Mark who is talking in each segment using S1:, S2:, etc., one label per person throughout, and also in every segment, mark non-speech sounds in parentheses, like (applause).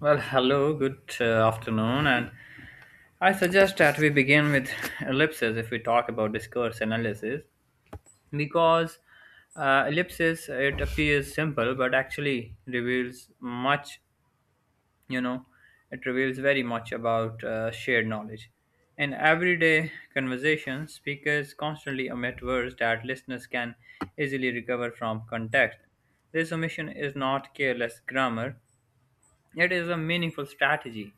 S1: Well, hello, good afternoon, and I suggest that we begin with (laughs) ellipses if we talk about discourse analysis, because ellipsis it appears simple but actually reveals much. You know, it reveals very much about shared knowledge. In everyday conversation, speakers constantly omit words that listeners can easily recover from context. This omission is not careless grammar; it is a meaningful strategy.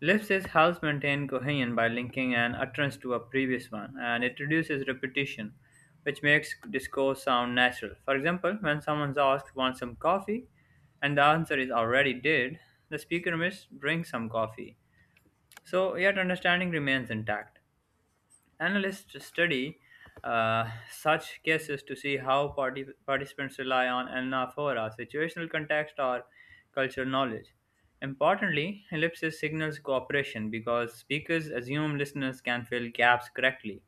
S1: Lipschitz helps maintain cohesion by linking an utterance to a previous one, and it reduces repetition, which makes discourse sound natural. For example, when someone's asked, "Want some coffee?" and the answer is "already did," the speaker must drink some coffee. So, yet understanding remains intact. Analysts study such cases to see how participants rely on anaphora, situational context, or cultural knowledge. Importantly, ellipsis signals cooperation because speakers assume listeners can fill gaps correctly,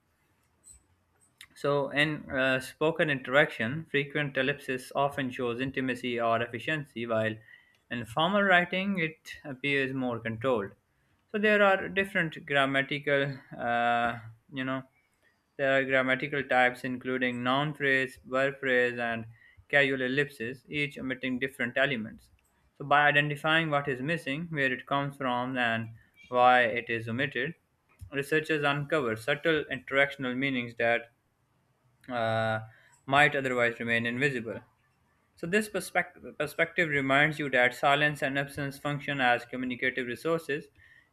S1: so in spoken interaction, frequent ellipsis often shows intimacy or efficiency, while in formal writing, it appears more controlled. So, there are different grammatical, you know, there are grammatical types including noun phrase, verb phrase, and casual ellipses, each omitting different elements. So, by identifying what is missing, where it comes from, and why it is omitted, researchers uncover subtle interactional meanings that uh, might otherwise remain invisible. So, this perspective reminds you that silence and absence function as communicative resources,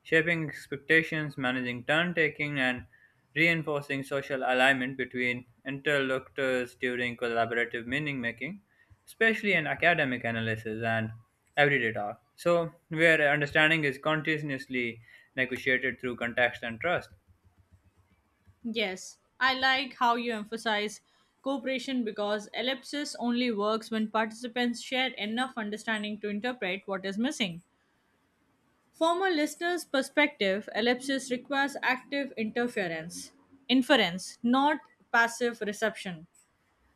S1: shaping expectations, managing turn taking, and reinforcing social alignment between interlocutors during collaborative meaning making, especially in academic analysis and everyday talk. So, where understanding is continuously negotiated through context and trust.
S2: Yes, I like how you emphasize cooperation because ellipsis only works when participants share enough understanding to interpret what is missing. From a listener's perspective, ellipsis requires inference, not passive reception.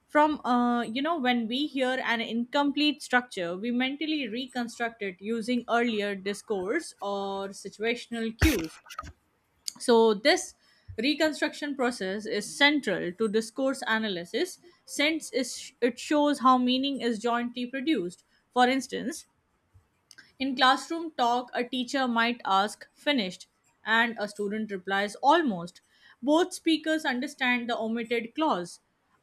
S2: When we hear an incomplete structure, we mentally reconstruct it using earlier discourse or situational cues. So, this reconstruction process is central to discourse analysis it shows how meaning is jointly produced. For instance, in classroom talk, a teacher might ask, "Finished?" and a student replies, "Almost." Both speakers understand the omitted clause: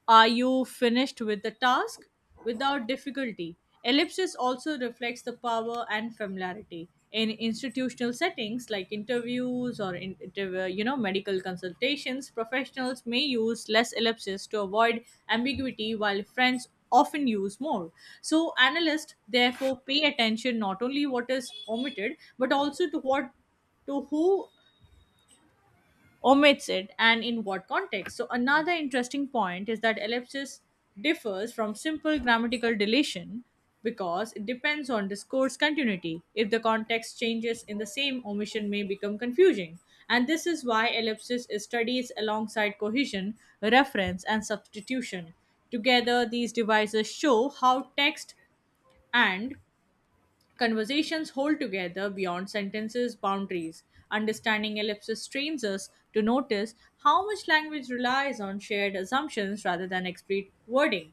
S2: "Are you finished with the task?" Without difficulty. Ellipsis also reflects the power and familiarity. In institutional settings like interviews or in, interv- you know medical consultations, professionals may use less ellipsis to avoid ambiguity while friends often use more. So analysts therefore pay attention not only what is omitted but also to what to who omits it and in what context. So, another interesting point is that ellipsis differs from simple grammatical deletion because it depends on discourse continuity. If the context changes in the same, omission may become confusing. And this is why ellipsis is studied alongside cohesion, reference, and substitution. Together, these devices show how text and conversations hold together beyond sentences' boundaries. Understanding ellipsis trains us to notice how much language relies on shared assumptions rather than explicit wording.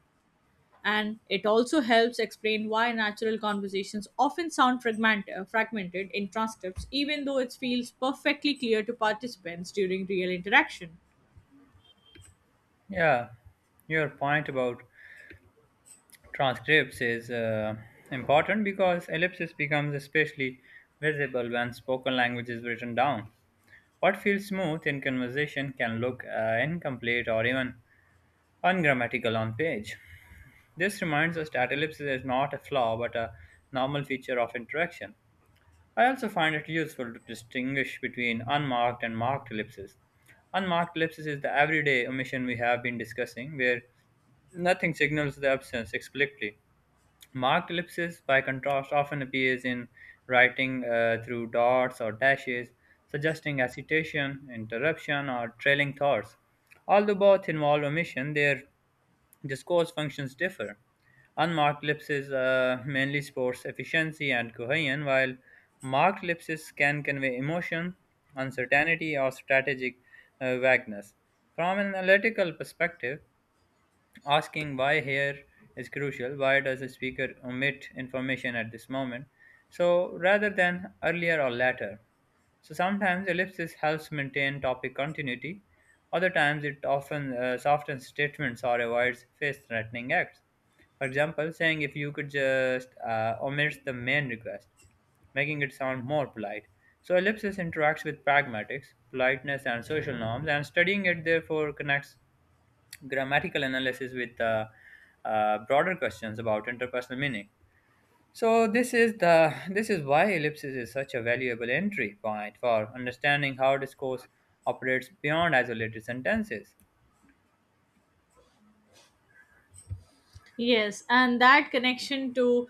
S2: And it also helps explain why natural conversations often sound fragmented in transcripts, even though it feels perfectly clear to participants during real interaction.
S1: Yeah, your point about transcripts is important because ellipsis becomes especially visible when spoken language is written down. What feels smooth in conversation can look incomplete or even ungrammatical on page. This reminds us that ellipsis is not a flaw but a normal feature of interaction. I also find it useful to distinguish between unmarked and marked ellipses. Unmarked ellipsis is the everyday omission we have been discussing, where nothing signals the absence explicitly. Marked ellipsis, by contrast, often appears in writing through dots or dashes, suggesting hesitation, interruption, or trailing thoughts. Although both involve omission, their discourse functions differ. Unmarked ellipses mainly supports efficiency and cohesion, while marked ellipses can convey emotion, uncertainty, or strategic vagueness. From an analytical perspective, asking why here is crucial. Why does the speaker omit information at this moment, so rather than earlier or later? So sometimes ellipsis helps maintain topic continuity. Other times it often softens statements or avoids face-threatening acts. For example, saying "if you could just omits the main request, making it sound more polite. So ellipsis interacts with pragmatics, politeness, and social norms, and studying it therefore connects grammatical analysis with broader questions about interpersonal meaning. So this is why ellipsis is such a valuable entry point for understanding how discourse operates beyond isolated sentences.
S2: Yes, and that connection to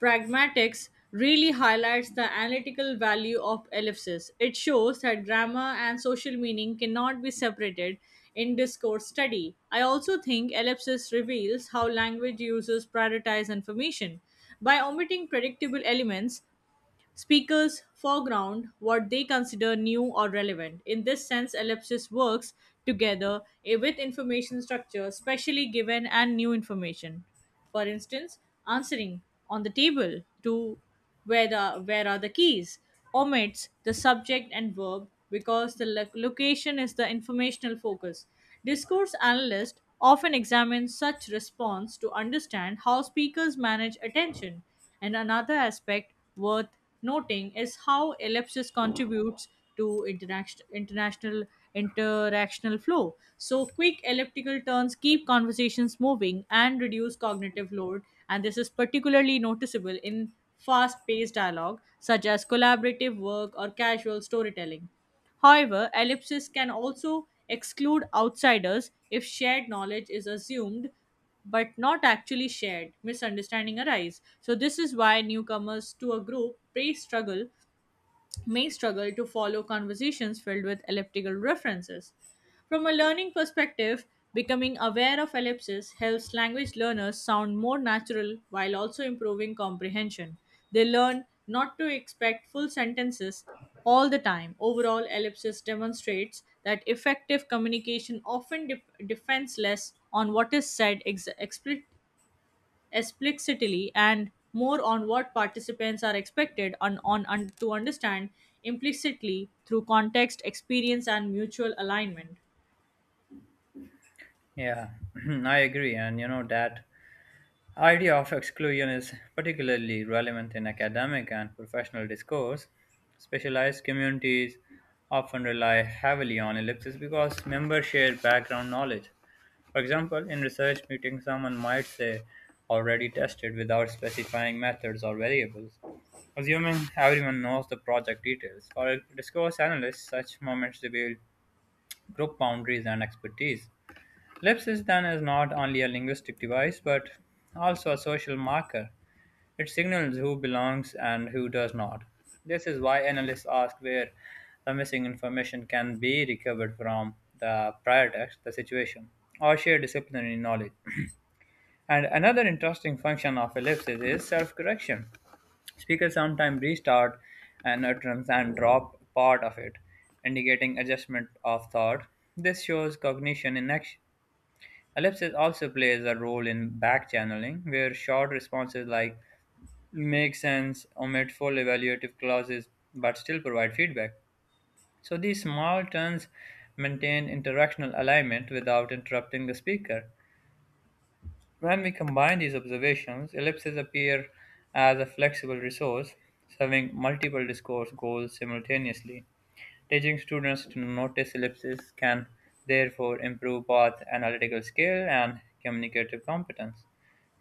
S2: pragmatics really highlights the analytical value of ellipsis. It shows that grammar and social meaning cannot be separated in discourse study. I also think ellipsis reveals how language users prioritize information. By omitting predictable elements, speakers foreground what they consider new or relevant. In this sense, ellipsis works together with information structure, specially given and new information. For instance, answering "on the table" to "where are the keys" omits the subject and verb because the location is the informational focus. Discourse analyst often examines such response to understand how speakers manage attention. And another aspect worth noting is how ellipsis contributes to international international interactional flow. So quick elliptical turns keep conversations moving and reduce cognitive load, and this is particularly noticeable in fast-paced dialogue such as collaborative work or casual storytelling. However, ellipsis can also exclude outsiders. If shared knowledge is assumed but not actually shared, misunderstanding arise. So this is why newcomers to a group may struggle to follow conversations filled with elliptical references. From a learning perspective, becoming aware of ellipses helps language learners sound more natural while also improving comprehension. They learn not to expect full sentences all the time. Overall, ellipsis demonstrates that effective communication often depends less on what is said explicitly and more on what participants are expected on un, to understand implicitly through context, experience, and mutual alignment.
S1: Yeah, (clears throat) I agree, and you know that the idea of exclusion is particularly relevant in academic and professional discourse. Specialized communities often rely heavily on ellipses because members share background knowledge. For example, in research meetings, someone might say "already tested" without specifying methods or variables, assuming everyone knows the project details. For discourse analysts, such moments reveal group boundaries and expertise. Lips is then is not only a linguistic device but also a social marker. It signals who belongs and who does not. This is why analysts ask where the missing information can be recovered from: the prior text, the situation, or shared disciplinary knowledge. And another interesting function of ellipses is self correction. Speakers sometimes restart an utterance and drop part of it, indicating adjustment of thought. This shows cognition in action. Ellipsis also plays a role in back-channeling, where short responses like "make sense" omit full evaluative clauses but still provide feedback. So these small turns maintain interactional alignment without interrupting the speaker. When we combine these observations, ellipses appear as a flexible resource serving multiple discourse goals simultaneously. Teaching students to notice ellipses can therefore improve both analytical skill and communicative competence.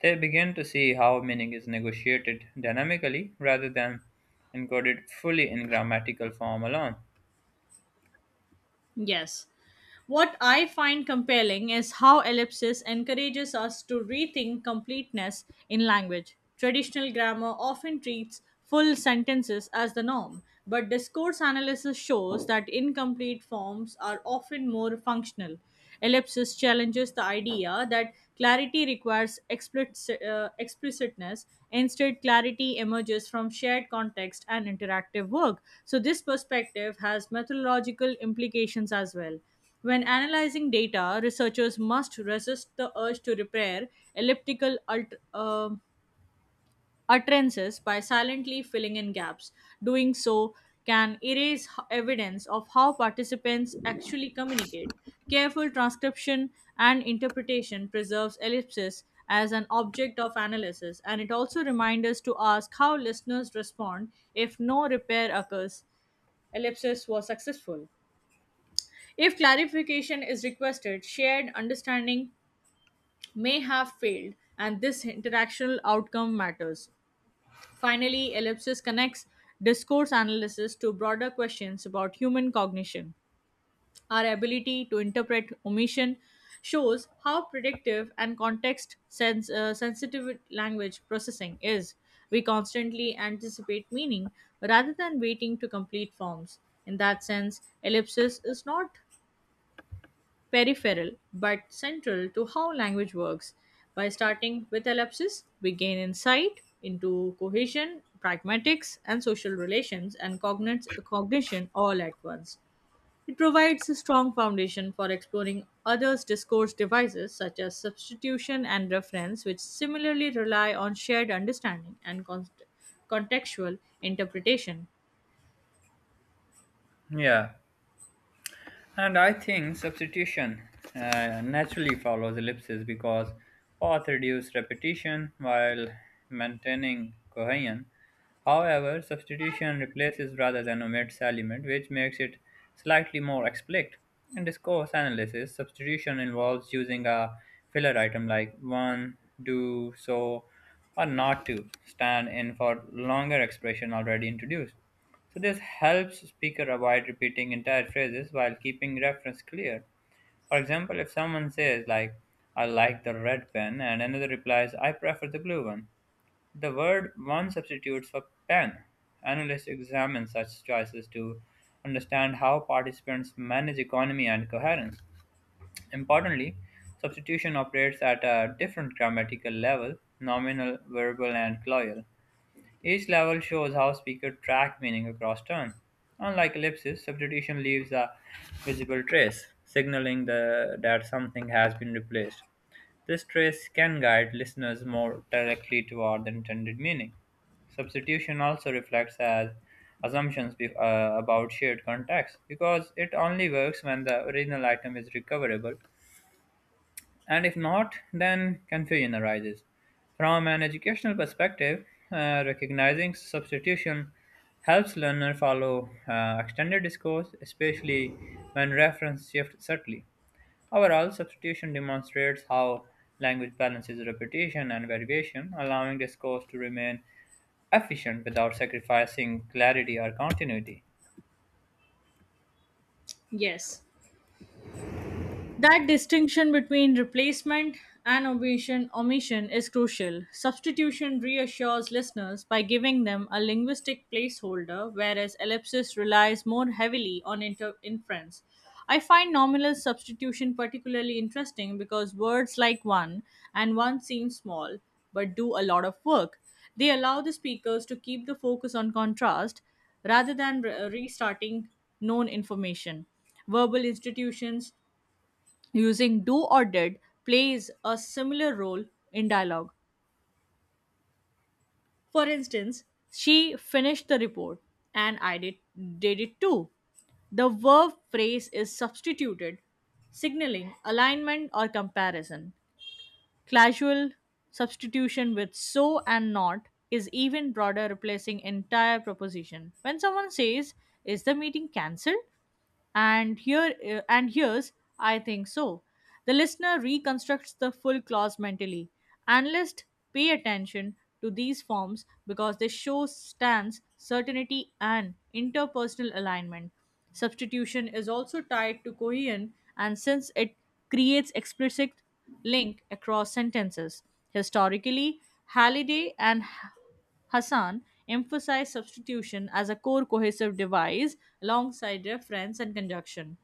S1: They begin to see how meaning is negotiated dynamically rather than encoded fully in grammatical form alone.
S2: Yes. What I find compelling is how ellipsis encourages us to rethink completeness in language. Traditional grammar often treats full sentences as the norm, but discourse analysis shows that incomplete forms are often more functional. Ellipsis challenges the idea that clarity requires explicitness. Instead, clarity emerges from shared context and interactive work. So, this perspective has methodological implications as well. When analyzing data, researchers must resist the urge to repair elliptical alt- uh, utterances by silently filling in gaps. Doing so can erase evidence of how participants actually communicate. Careful transcription and interpretation preserves ellipsis as an object of analysis, and it also reminds us to ask how listeners respond if no repair occurs. Ellipsis was successful. If clarification is requested, shared understanding may have failed, and this interactional outcome matters. Finally, ellipsis connects discourse analysis to broader questions about human cognition. Our ability to interpret omission shows how predictive and sensitive language processing is. We constantly anticipate meaning rather than waiting to complete forms. In that sense, ellipsis is not peripheral but central to how language works. By starting with ellipsis, we gain insight into cohesion, pragmatics, and social relations and cognition all at once. It provides a strong foundation for exploring others' discourse devices such as substitution and reference, which similarly rely on shared understanding and contextual interpretation.
S1: Yeah. And I think substitution naturally follows ellipses because path reduce repetition while maintaining cohesion. However, substitution replaces rather than omits element, which makes it slightly more explicit. In discourse analysis, substitution involves using a filler item like "one," "do," "so," or "not" to stand in for longer expression already introduced. So this helps speaker avoid repeating entire phrases while keeping reference clear. For example, if someone says like "I like the red pen" and another replies "I prefer the blue one," the word "one" substitutes for "pen." Analysts examine such choices to understand how participants manage economy and coherence. Importantly, substitution operates at a different grammatical level: nominal, verbal and cloyal. Each level shows how speaker track meaning across term. Unlike ellipsis, substitution leaves a visible trace, signaling that something has been replaced. This trace can guide listeners more directly toward the intended meaning. Substitution also reflects as assumptions about shared context because it only works when the original item is recoverable, and if not, then confusion arises. From an educational perspective, recognizing substitution helps learner follow extended discourse, especially when reference shifts subtly. Overall, substitution demonstrates how language balances repetition and variation, allowing discourse to remain efficient without sacrificing clarity or continuity.
S2: Yes, that distinction between replacement and omission is crucial. Substitution reassures listeners by giving them a linguistic placeholder, whereas ellipsis relies more heavily on inference. I find nominal substitution particularly interesting because words like "one" and "one" seem small but do a lot of work. They allow the speakers to keep the focus on contrast rather than restarting known information. Verbal institutions using "do" or "did" plays a similar role in dialogue. For instance, "She finished the report and I did it too." The verb phrase is substituted, signaling alignment or comparison. Casual substitution with "so" and "not" is even broader, replacing entire proposition. When someone says, "Is the meeting cancelled?" and here's "I think so," the listener reconstructs the full clause mentally. Analysts pay attention to these forms because they show stance certainty and interpersonal alignment. Substitution is also tied to cohesion, and since it creates explicit link across sentences, historically Halliday and Hassan emphasized substitution as a core cohesive device alongside reference and conjunction.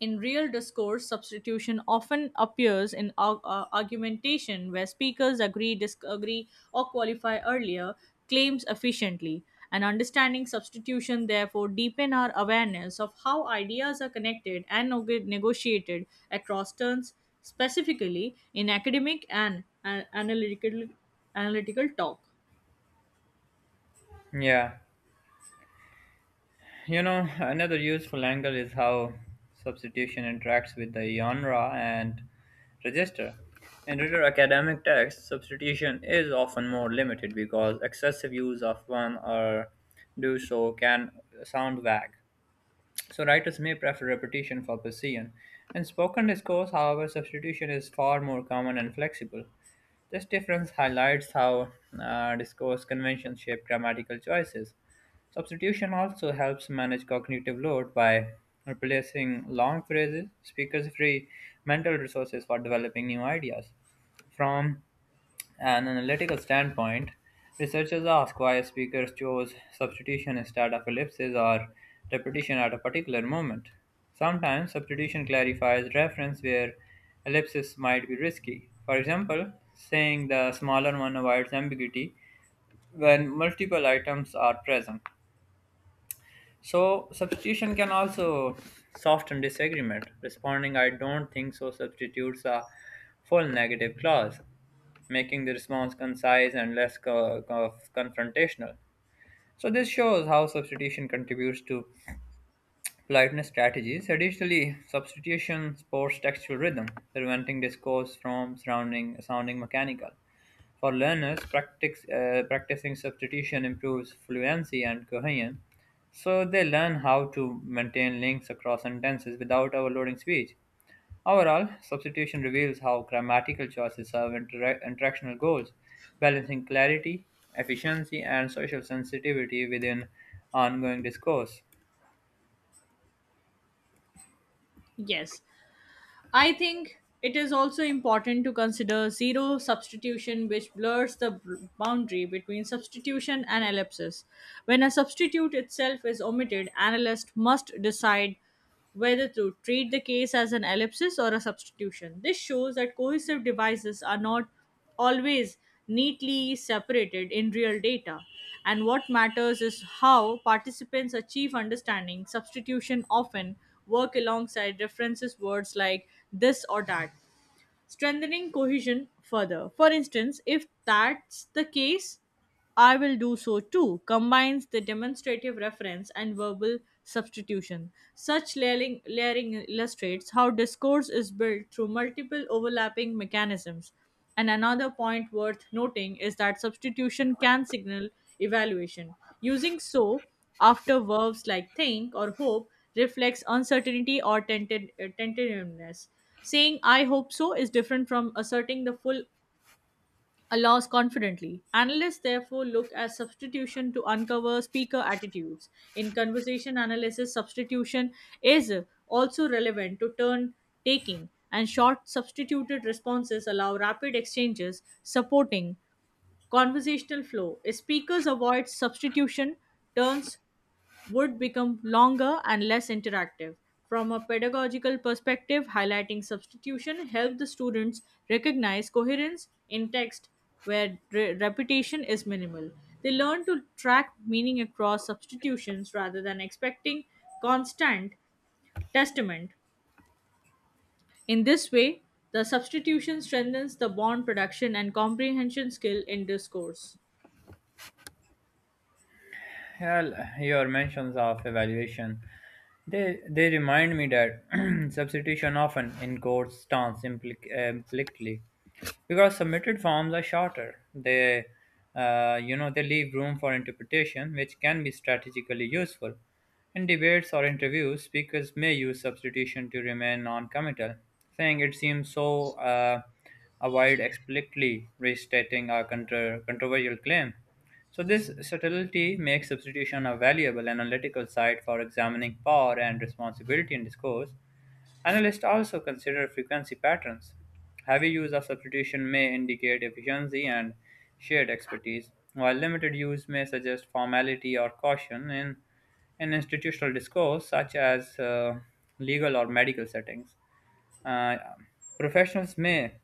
S2: In real discourse, substitution often appears in argumentation where speakers agree, disagree, or qualify earlier claims efficiently. And understanding substitution therefore deepen our awareness of how ideas are connected and negotiated across turns, specifically in academic and analytical talk.
S1: Yeah. You know, another useful angle is how substitution interacts with the genre and register. In reader academic texts, substitution is often more limited because excessive use of "one" or "do so" can sound vague. So writers may prefer repetition for precision. In spoken discourse, however, substitution is far more common and flexible. This difference highlights how discourse conventions shape grammatical choices. Substitution also helps manage cognitive load by replacing long phrases, speakers free mental resources for developing new ideas. From an analytical standpoint, researchers ask why speakers chose substitution instead of ellipses or repetition at a particular moment. Sometimes substitution clarifies reference where ellipses might be risky. For example, saying "the smaller one" avoids ambiguity when multiple items are present. So substitution can also soften disagreement. Responding "I don't think so" substitutes a full negative clause, making the response concise and less confrontational. So this shows how substitution contributes to politeness strategies. Additionally, substitution supports textual rhythm, preventing discourse from surrounding, sounding mechanical. For learners, practicing substitution improves fluency and cohesion, so they learn how to maintain links across sentences without overloading speech. Overall, substitution reveals how grammatical choices serve interactional goals, balancing clarity, efficiency, and social sensitivity within ongoing discourse.
S2: Yes, I think it is also important to consider zero substitution, which blurs the boundary between substitution and ellipsis. When a substitute itself is omitted, analysts must decide whether to treat the case as an ellipsis or a substitution. This shows that cohesive devices are not always neatly separated in real data. And what matters is how participants achieve understanding. Substitution often work alongside references words like "this" or "that," strengthening cohesion further. For instance, "if that's the case, I will do so too" combines the demonstrative reference and verbal substitution. Such layering illustrates how discourse is built through multiple overlapping mechanisms. And another point worth noting is that substitution can signal evaluation. Using "so" after verbs like "think" or "hope" reflects uncertainty or tentativeness. Saying "I hope so" is different from asserting the full allows confidently. Analysts therefore look at substitution to uncover speaker attitudes. In conversation analysis, substitution is also relevant to turn taking, and short substituted responses allow rapid exchanges, supporting conversational flow. If speakers avoid substitution, turns would become longer and less interactive. From a pedagogical perspective, highlighting substitution helped the students recognize coherence in text where repetition is minimal. They learn to track meaning across substitutions rather than expecting constant testament. In this way, the substitution strengthens the bond production and comprehension skill in discourse.
S1: Well, your mentions of evaluation, they remind me that (clears throat) substitution often encodes stance implicitly because submitted forms are shorter. They leave room for interpretation, which can be strategically useful. In debates or interviews, speakers may use substitution to remain non-committal, saying "it seems so." Avoid explicitly restating a controversial claim. So, this subtlety makes substitution a valuable analytical site for examining power and responsibility in discourse. Analysts also consider frequency patterns. Heavy use of substitution may indicate efficiency and shared expertise, while limited use may suggest formality or caution. In institutional discourse, such as legal or medical settings, Uh, professionals may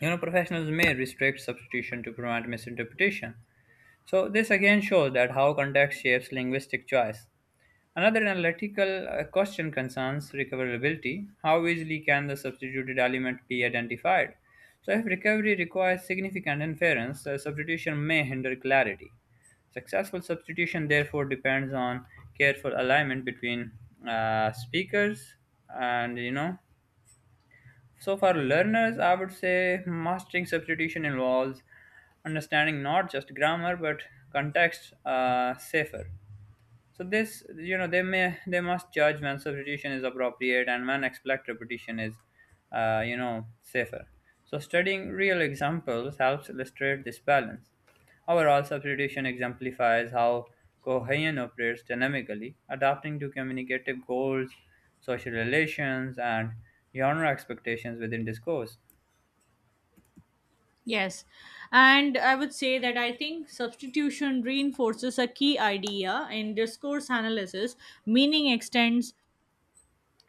S1: professionals may restrict substitution to prevent misinterpretation. So this again shows that how context shapes linguistic choice. Another analytical question concerns recoverability. How easily can the substituted element be identified? So, if recovery requires significant inference, the substitution may hinder clarity. Successful substitution therefore depends on careful alignment between speakers and you know. So, for learners, I would say mastering substitution involves understanding not just grammar but context safer. So this, you know, they must judge when substitution is appropriate and when expect repetition is, safer. So studying real examples helps illustrate this balance. Overall, substitution exemplifies how Cohen operates dynamically, adapting to communicative goals, social relations, and genre expectations within discourse.
S2: Yes. And I would say that I think substitution reinforces a key idea in discourse analysis: meaning extends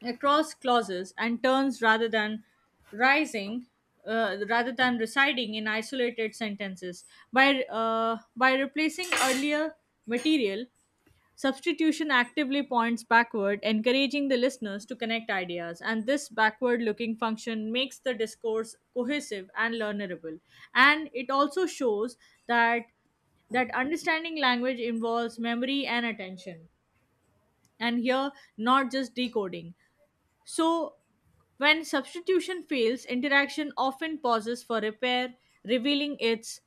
S2: across clauses and terms rather than rising. Residing in isolated sentences. By replacing earlier material, substitution actively points backward, encouraging the listeners to connect ideas, and this backward looking function makes the discourse cohesive and learnerable. And it also shows that that understanding language involves memory and attention, and here not just decoding. So, when substitution fails, interaction often pauses for repair, revealing its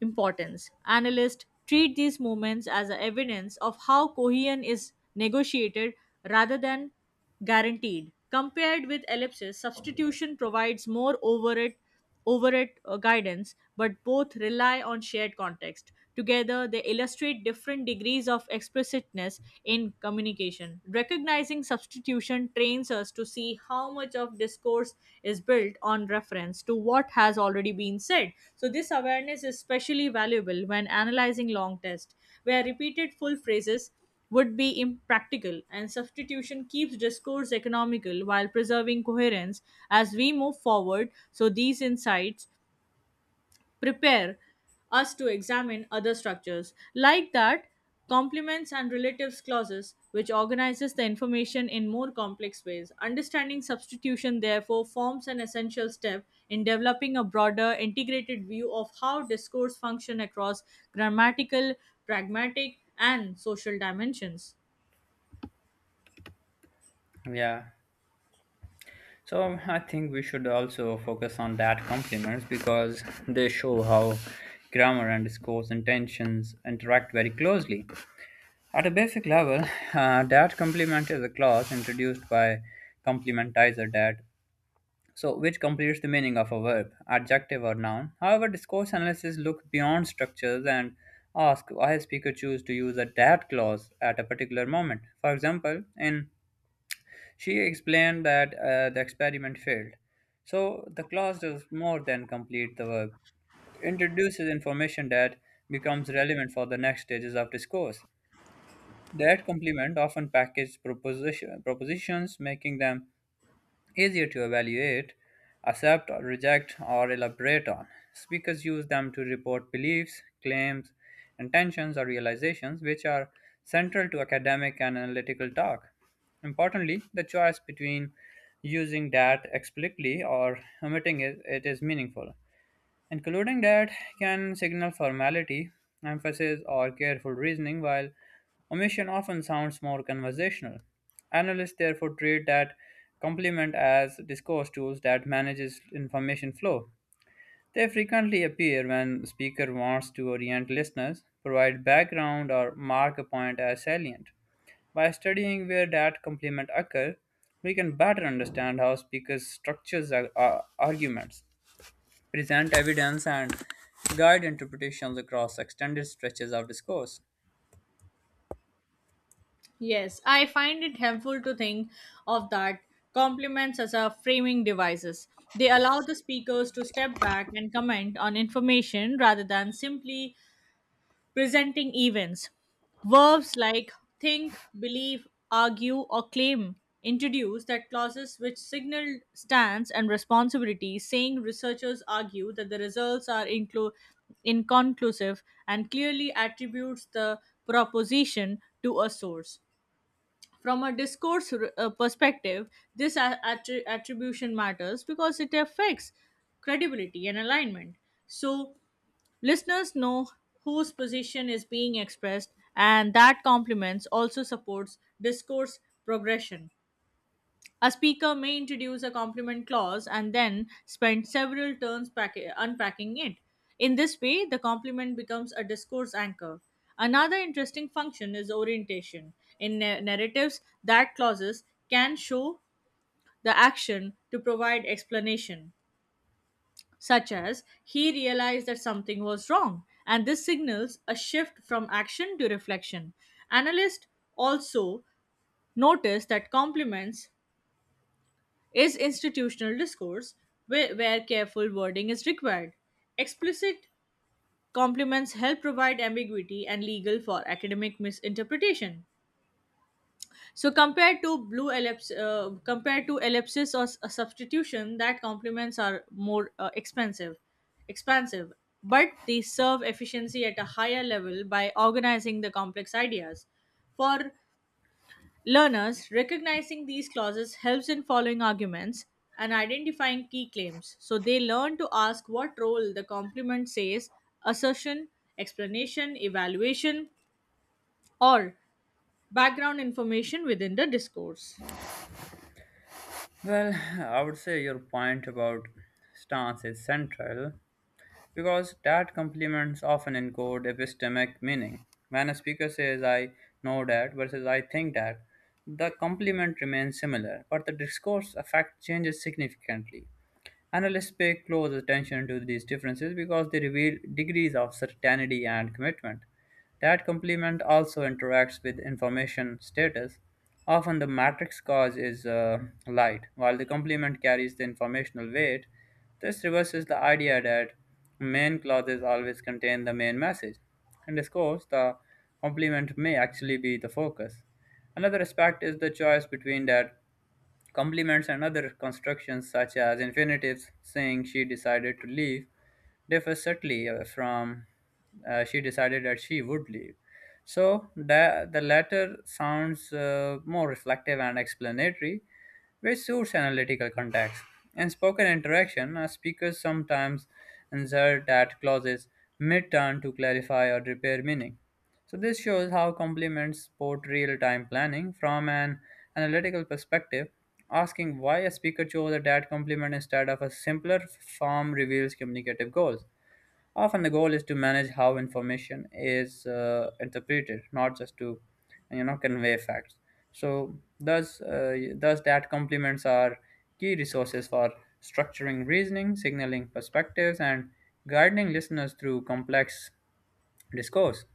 S2: importance. Analysts treat these moments as a evidence of how cohesion is negotiated rather than guaranteed. Compared with ellipsis, substitution provides more overt, overt guidance, but both rely on shared context. Together, they illustrate different degrees of explicitness in communication. Recognizing substitution trains us to see how much of discourse is built on reference to what has already been said. So, this awareness is especially valuable when analyzing long tests, where repeated full phrases would be impractical, and substitution keeps discourse economical while preserving coherence. As we move forward, So, these insights prepare us to examine other structures, like that, complements and relatives clauses, which organizes the information in more complex ways. Understanding substitution, therefore, forms an essential step in developing a broader, integrated view of how discourse function across grammatical, pragmatic, and social dimensions.
S1: Yeah. So I think we should also focus on that compliments because they show how grammar and scores intentions interact very closely. At a basic level, (laughs) that complement is a clause introduced by complementizer "that," so which completes the meaning of a verb, adjective or noun. However, discourse analysis look beyond structures and ask why a speaker choose to use a that clause at a particular moment. For example, in "she explained that the experiment failed," so the clause does more than complete the verb; introduces information that becomes relevant for the next stages of discourse. That complement often package propositions, making them easier to evaluate, accept, or reject, or elaborate on. Speakers use them to report beliefs, claims, intentions, or realizations, which are central to academic and analytical talk. Importantly, the choice between using "that" explicitly or omitting it, it is meaningful. And concluding that can signal formality, emphasis, or careful reasoning, while omission often sounds more conversational. Analysts therefore treat that complement as discourse tools that manages information flow. They frequently appear when speaker wants to orient listeners, provide background, or mark a point as salient. By studying where that complement occur, we can better understand how speakers structures arguments, present evidence and guide interpretations across extended stretches of discourse.
S2: Yes, I find it helpful to think of that compliments as a framing devices. They allow the speakers to step back and comment on information rather than simply presenting events. Verbs like "think," "believe," "argue," or "claim" introduce that clauses which signal stance and responsibility. Saying "researchers argue that the results are inconclusive" and clearly attributes the proposition to a source. From a discourse perspective, this attribution matters because it affects credibility and alignment. So, listeners know whose position is being expressed, and that complements also supports discourse progression. A speaker may introduce a complement clause and then spend several turns unpacking it. In this way, the complement becomes a discourse anchor. Another interesting function is orientation. In narratives, that clauses can show the action to provide explanation, such as "he realized that something was wrong," and this signals a shift from action to reflection. Analysts also notice that complements is institutional discourse where careful wording is required. Explicit complements help provide ambiguity and legal for academic misinterpretation. So compared to ellipsis or a substitution, that complements are more expansive, but they serve efficiency at a higher level by organizing the complex ideas. For learners, recognizing these clauses helps in following arguments and identifying key claims. So they learn to ask what role the complement says: assertion, explanation, evaluation, or background information within the discourse.
S1: Well, I would say your point about stance is central because that complements often encode epistemic meaning. When a speaker says "I know that" versus "I think that," the complement remains similar, but the discourse effect changes significantly. Analysts pay close attention to these differences because they reveal degrees of certainty and commitment. That complement also interacts with information status. Often the matrix cause is light, while the complement carries the informational weight. This reverses the idea that main clauses always contain the main message. In discourse, the complement may actually be the focus. Another aspect is the choice between that complements and other constructions, such as infinitives. Saying "she decided to leave" differ subtly from "she decided that she would leave." So the latter sounds more reflective and explanatory, which suits analytical context. In spoken interaction, speakers sometimes insert that clauses mid-turn to clarify or repair meaning. So this shows how complements support real-time planning. From an analytical perspective, asking why a speaker chose a dad compliment instead of a simpler form reveals communicative goals. Often the goal is to manage how information is interpreted, not just to, you know, convey facts. So thus dad complements are key resources for structuring reasoning, signaling perspectives, and guiding listeners through complex discourse.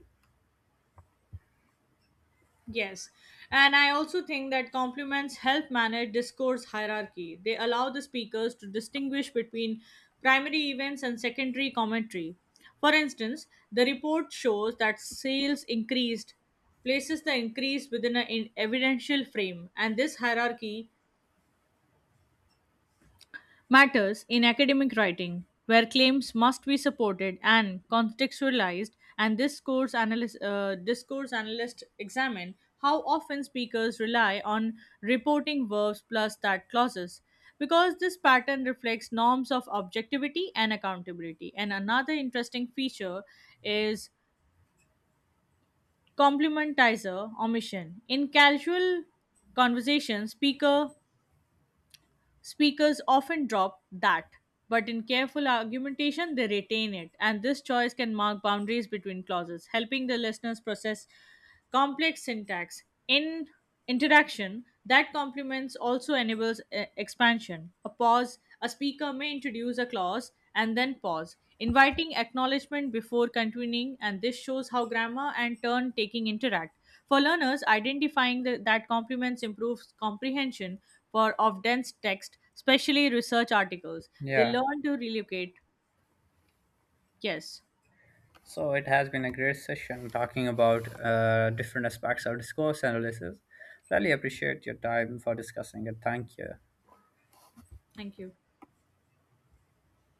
S2: Yes. And I also think that compliments help manage discourse hierarchy. They allow the speakers to distinguish between primary events and secondary commentary. For instance, "the report shows that sales increased" places the increase within an evidential frame, and this hierarchy matters in academic writing, where claims must be supported and contextualized, and discourse analyst examine how often speakers rely on reporting verbs plus that clauses, because this pattern reflects norms of objectivity and accountability. And another interesting feature is complementizer omission. In casual conversation, speakers often drop "that," but in careful argumentation, they retain it, and this choice can mark boundaries between clauses, helping the listeners process complex syntax. In interaction, that complements also enables expansion. A speaker may introduce a clause and then pause, inviting acknowledgement before continuing, and this shows how grammar and turn taking interact. For learners, identifying that complements improves comprehension for of dense text, especially research articles. They
S1: Yeah.
S2: learn to relocate. Yes.
S1: So it has been a great session talking about different aspects of discourse analysis. Really appreciate your time for discussing it. Thank you.
S2: Thank you.